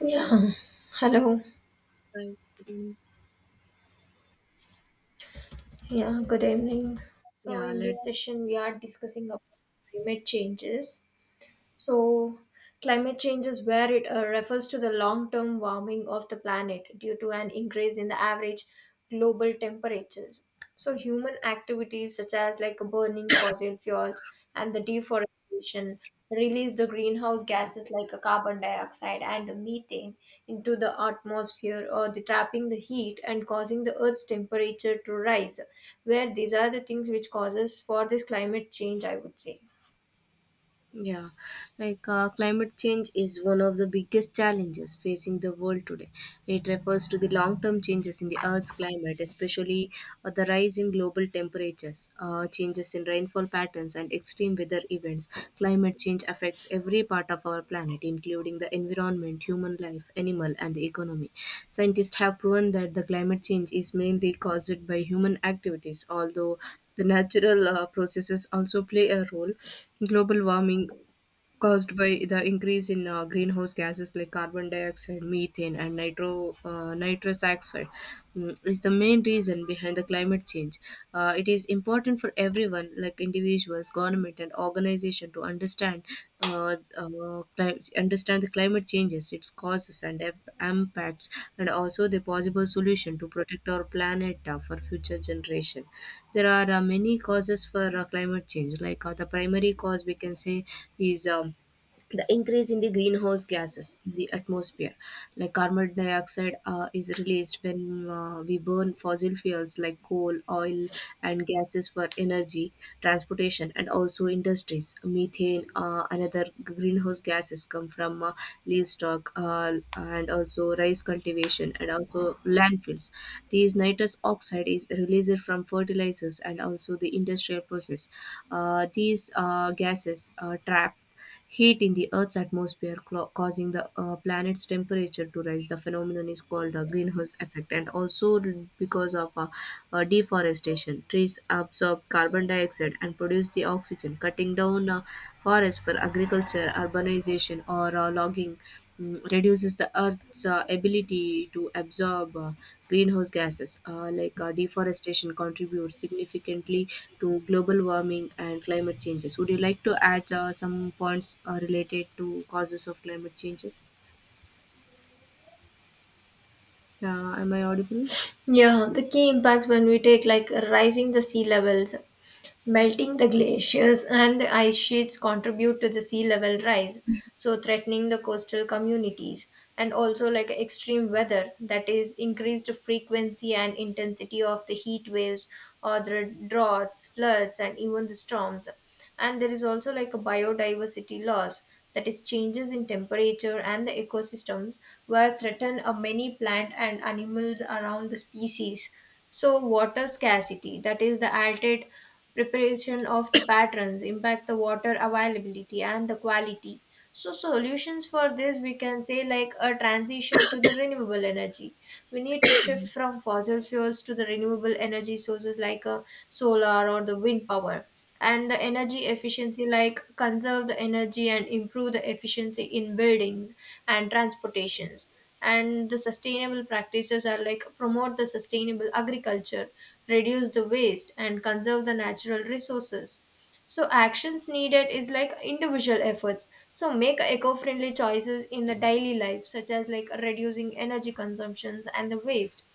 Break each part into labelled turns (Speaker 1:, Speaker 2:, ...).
Speaker 1: Yeah, hello.
Speaker 2: I.
Speaker 1: Yeah, good evening. So,
Speaker 2: Yeah.
Speaker 1: in this
Speaker 2: let's
Speaker 1: session, we are discussing about climate changes. So, climate change is where it refers to the long term warming of the planet due to an increase in the average global temperatures. So, human activities such as like burning fossil fuels and the deforestation release the greenhouse gases like a carbon dioxide and the methane into the atmosphere or the trapping the heat and causing the earth's temperature to rise, where these are the things which causes for this climate change, I would say.
Speaker 2: Yeah, like Climate change is one of the biggest challenges facing the world today. It refers to the long term changes in the Earth's climate, especially the rising global temperatures, changes in rainfall patterns, and extreme weather events. Climate change affects every part of our planet, including the environment, human life, animal, and the economy. Scientists have proven that the climate change is mainly caused by human activities, although the natural processes also play a role. Global warming caused by the increase in greenhouse gases like carbon dioxide, methane, and nitrous oxide is the main reason behind the climate change. It is important for everyone, like individuals, government, and organization, to understand uh, uh, understand the climate changes, its causes and impacts, and also the possible solution to protect our planet for future generation. There are many causes for climate change. The primary cause we can say is the increase in the greenhouse gases in the atmosphere, like carbon dioxide is released when we burn fossil fuels like coal, oil, and gases for energy, transportation, and also industries. Methane, another greenhouse gases, come from livestock, and also rice cultivation and also landfills. These nitrous oxide is released from fertilizers and also the industrial process. These gases are trap heat in the Earth's atmosphere, causing the planet's temperature to rise. The phenomenon is called the greenhouse effect, and also because of deforestation. Trees absorb carbon dioxide and produce the oxygen. Cutting down forests for agriculture, urbanization, or logging reduces the Earth's ability to absorb greenhouse gases. Deforestation contributes significantly to global warming and climate changes. Would you like to add some points related to causes of climate changes? Am I audible?
Speaker 1: Yeah, the key impacts, when we take, like rising the sea levels, melting the glaciers and the ice sheets contribute to the sea level rise, so threatening the coastal communities, and also like extreme weather, that is increased frequency and intensity of the heat waves or the droughts, floods and even the storms. And there is also like a biodiversity loss, that is changes in temperature and the ecosystems where threaten a many plant and animals around the species. So water scarcity, that is the altered preparation of the patterns impact the water availability and the quality. So solutions for this, we can say like a transition to the renewable energy. We need to shift from fossil fuels to the renewable energy sources like a solar or the wind power, and the energy efficiency, like conserve the energy and improve the efficiency in buildings and transportations. And the sustainable practices are like promote the sustainable agriculture, reduce the waste and conserve the natural resources. So actions needed is like individual efforts, so make eco-friendly choices in the daily life such as like reducing energy consumptions and the waste.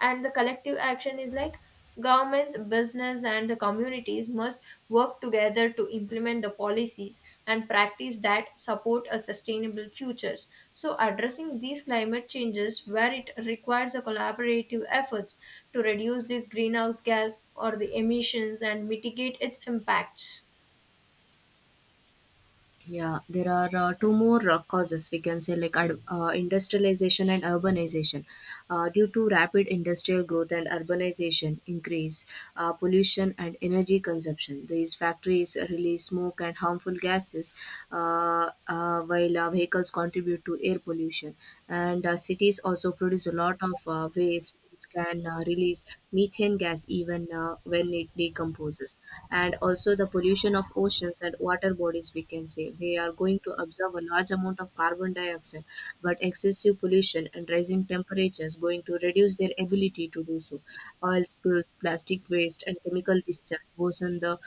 Speaker 1: And the collective action is like governments, business and the communities must work together to implement the policies and practice that support a sustainable futures. So addressing these climate changes, where it requires a collaborative efforts to reduce this greenhouse gas or the emissions and mitigate its impacts.
Speaker 2: Yeah, there are two more causes we can say, like industrialization and urbanization. Due to rapid industrial growth and urbanization increase, pollution and energy consumption. These factories release smoke and harmful gases, while vehicles contribute to air pollution. And cities also produce a lot of waste. It can release methane gas even when it decomposes. And also the pollution of oceans and water bodies, we can say they are going to absorb a large amount of carbon dioxide, but excessive pollution and rising temperatures going to reduce their ability to do so. Oil spills, plastic waste, and chemical discharge worsen the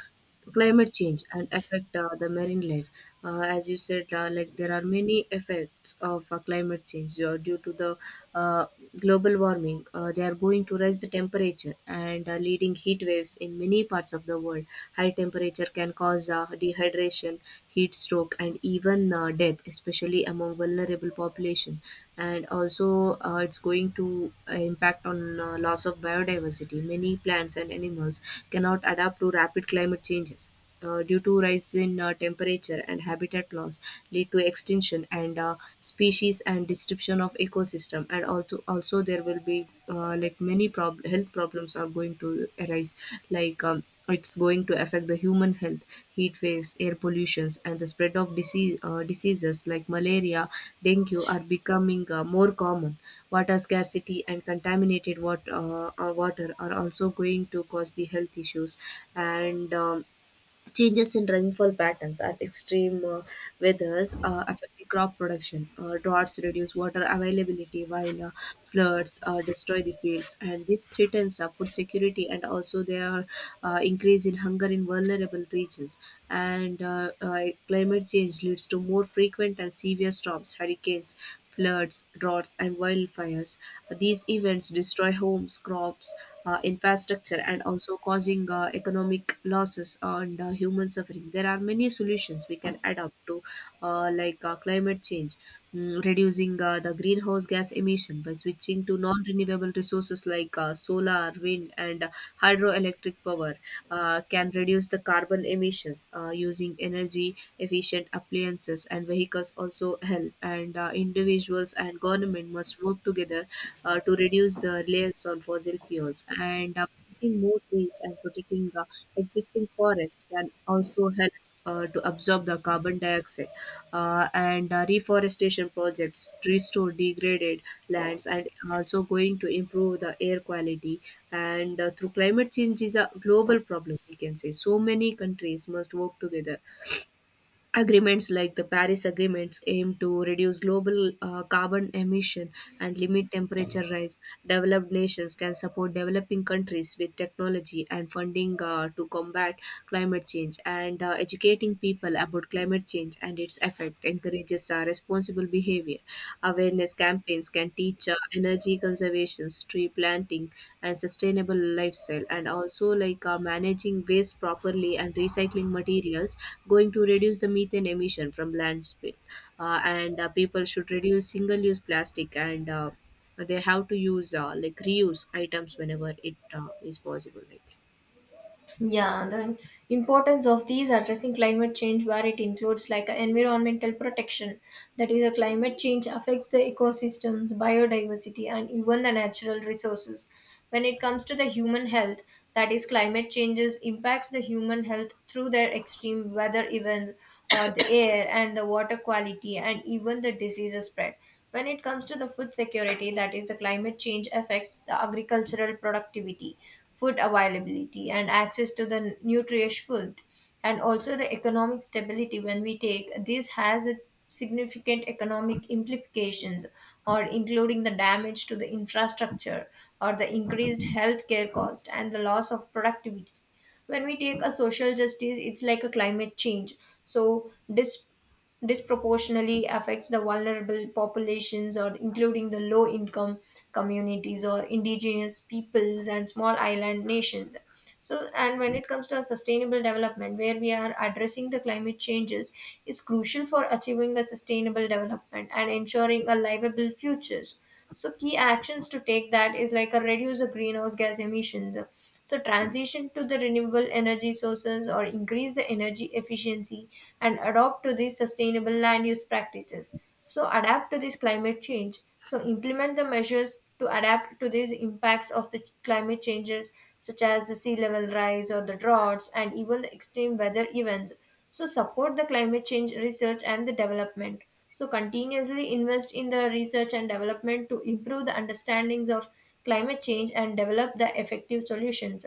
Speaker 2: climate change and affect the marine life. As you said, like there are many effects of climate change due to the uh, global warming. They are going to raise the temperature and leading heat waves in many parts of the world. High temperature can cause dehydration, heat stroke, and even death, especially among vulnerable population. And also it's going to impact on loss of biodiversity. Many plants and animals cannot adapt to rapid climate change changes due to rise in temperature, and habitat loss lead to extinction and species and disruption of ecosystem. And also there will be many health problems are going to arise, like it's going to affect the human health. Heat waves, air pollutions, and the spread of diseases like malaria, dengue are becoming more common. Water scarcity and water are also going to cause the health issues. And changes in rainfall patterns and extreme weathers affecting crop production. Droughts reduce water availability, while floods destroy the fields, and this threatens food security, and also there are increase in hunger in vulnerable regions. And climate change leads to more frequent and severe storms, hurricanes, floods, droughts, and wildfires. These events destroy homes, crops, infrastructure, and also causing economic losses and human suffering. There are many solutions we can adopt to, climate change, reducing the greenhouse gas emission by switching to non renewable resources like solar, wind, and hydroelectric power, can reduce the carbon emissions. Using energy efficient appliances and vehicles also help, and individuals and government must work together to reduce the reliance on fossil fuels. And planting more trees and protecting the existing forest can also help to absorb the carbon dioxide, and reforestation projects restore degraded lands and also going to improve the air quality. And through climate change is a global problem, we can say, so many countries must work together. Agreements like the Paris agreements aim to reduce global carbon emission and limit temperature rise. Developed nations can support developing countries with technology and funding to combat climate change, and educating people about climate change and its effect encourages responsible behavior. Awareness campaigns can teach energy conservation, tree planting, and sustainable lifestyle, and also managing waste properly and recycling materials, going to reduce the methane emission from landfill. And People should reduce single-use plastic, and they have to use, reuse items whenever it is possible, I think.
Speaker 1: Yeah, the importance of these addressing climate change, where it includes like a environmental protection, that is, a climate change affects the ecosystems, biodiversity, and even the natural resources. When it comes to the human health, that is, climate changes impacts the human health through their extreme weather events or the air and the water quality, and even the disease spread. When it comes to the food security, that is, the climate change affects the agricultural productivity, food availability and access to the nutritious food. And also the economic stability, when we take, this has a significant economic implications or including the damage to the infrastructure or the increased healthcare cost and the loss of productivity. When we take a social justice, it's like a climate change so disproportionately affects the vulnerable populations or including the low income communities or indigenous peoples and small island nations. So and when it comes to a sustainable development, where we are addressing the climate changes is crucial for achieving a sustainable development and ensuring a livable futures. So key actions to take, that is like a reduce the greenhouse gas emissions, so transition to the renewable energy sources or increase the energy efficiency and adopt to these sustainable land use practices. So adapt to this climate change, so implement the measures to adapt to these impacts of the climate changes such as the sea level rise or the droughts and even the extreme weather events. So support the climate change research and the development, so continuously invest in the research and development to improve the understandings of climate change and develop the effective solutions.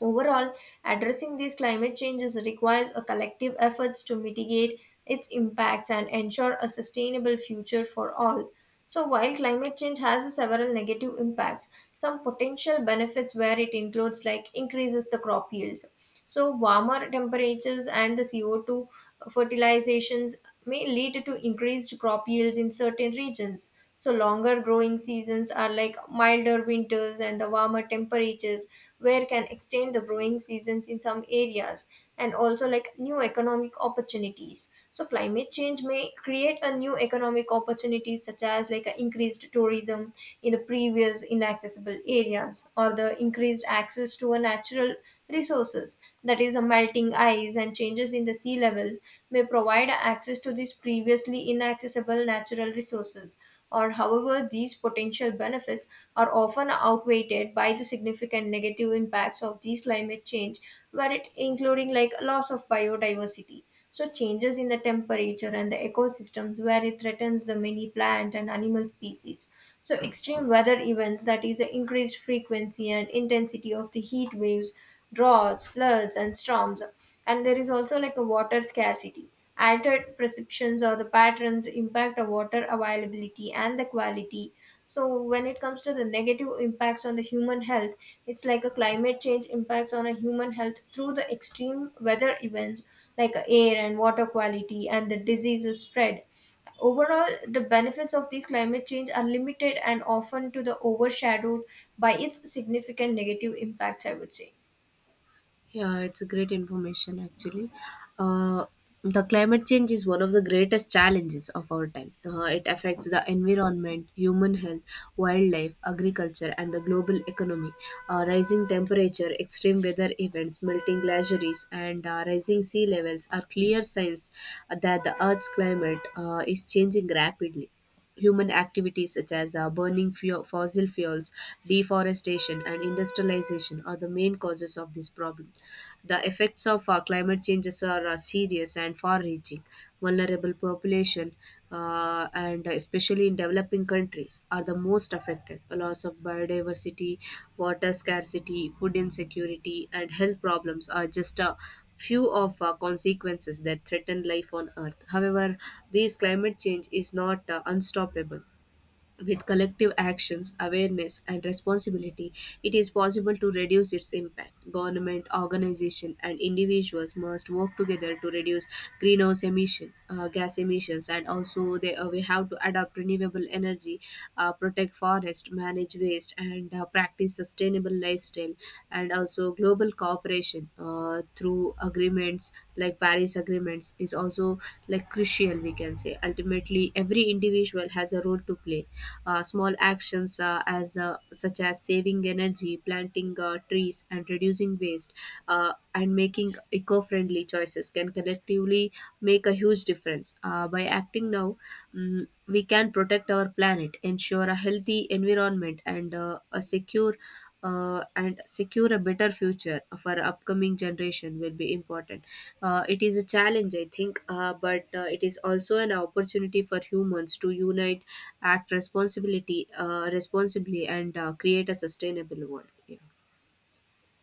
Speaker 1: Overall, addressing these climate changes requires a collective efforts to mitigate its impacts and ensure a sustainable future for all. So while climate change has several negative impacts, some potential benefits where it includes like increases the crop yields. So warmer temperatures and the CO2 fertilizations may lead to increased crop yields in certain regions. So longer growing seasons are like milder winters and the warmer temperatures, where can extend the growing seasons in some areas. And also like new economic opportunities, so climate change may create a new economic opportunities such as like a increased tourism in the previous inaccessible areas or the increased access to a natural resources, that is a melting ice and changes in the sea levels may provide access to these previously inaccessible natural resources. Or however these potential benefits are often outweighed by the significant negative impacts of these climate change, where it including like loss of biodiversity. So changes in the temperature and the ecosystems where it threatens the many plant and animal species. So extreme weather events, that is the increased frequency and intensity of the heat waves, droughts, floods and storms. And there is also like a water scarcity. Altered perceptions or the patterns impact the water availability and the quality. So when it comes to the negative impacts on the human health, it's like a climate change impacts on a human health through the extreme weather events like air and water quality and the diseases spread. Overall the benefits of these climate change are limited and often to the overshadowed by its significant negative impacts, I would say.
Speaker 2: Yeah, it's a great information actually. Uh, the climate change is one of the greatest challenges of our time. It affects the environment, human health, wildlife, agriculture, and the global economy. Rising temperature, extreme weather events, melting glaciers, and rising sea levels are clear signs that the Earth's climate is changing rapidly. Human activities such as burning fossil fuels, deforestation, and industrialization are the main causes of this problem. The effects of climate changes are serious and far-reaching. Vulnerable population, and especially in developing countries, are the most affected. A loss of biodiversity, water scarcity, food insecurity, and health problems are just a few of consequences that threaten life on Earth. However, this climate change is not unstoppable. With collective actions, awareness, and responsibility, it is possible to reduce its impact. Government, organization, and individuals must work together to reduce gas emissions, and also we have to adopt renewable energy, protect forest, manage waste, and practice sustainable lifestyle, and also global cooperation through agreements like Paris agreements is also like crucial. We can say ultimately every individual has a role to play. Small actions as such as saving energy, planting trees, and reducing waste and making eco-friendly choices can collectively make a huge difference. By acting now, we can protect our planet, ensure a healthy environment, and secure a better future for upcoming generation will be important. It is a challenge, I think, but it is also an opportunity for humans to unite, act responsibly, and create a sustainable world. Yeah.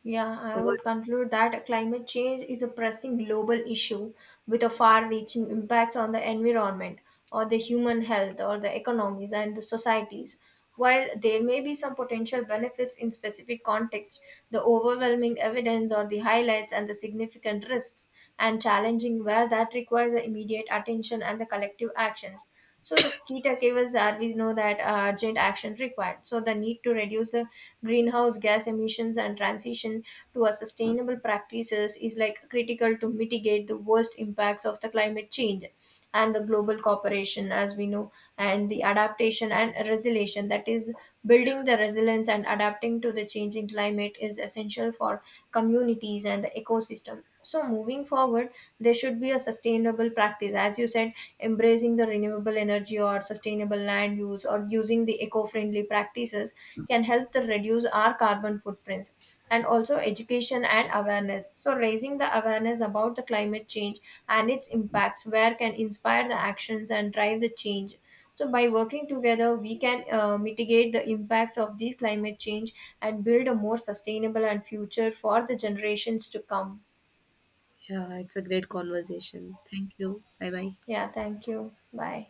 Speaker 1: Yeah,
Speaker 2: So
Speaker 1: I
Speaker 2: what?
Speaker 1: would conclude that climate change is a pressing global issue with a far reaching impacts on the environment or the human health or the economies and the societies. While there may be some potential benefits in specific contexts, the overwhelming evidence or the highlights and the significant risks and challenging where that requires the immediate attention and the collective actions. So the key takeaways are, we know that urgent action required. So the need to reduce the greenhouse gas emissions and transition to a sustainable practices is like critical to mitigate the worst impacts of the climate change and the global cooperation, as we know, and the adaptation and resilience, that is building the resilience and adapting to the changing climate is essential for communities and the ecosystem. So moving forward, there should be a sustainable practice, as you said. Embracing the renewable energy or sustainable land use or using the eco friendly practices can help to reduce our carbon footprints. And also education and awareness. So, raising the awareness about the climate change and its impacts, where can inspire the actions and drive the change. So, by working together, we can mitigate the impacts of these climate change and build a more sustainable and future for the generations to come.
Speaker 2: Yeah, it's a great conversation. Thank you. Bye bye.
Speaker 1: Yeah, thank you. Bye.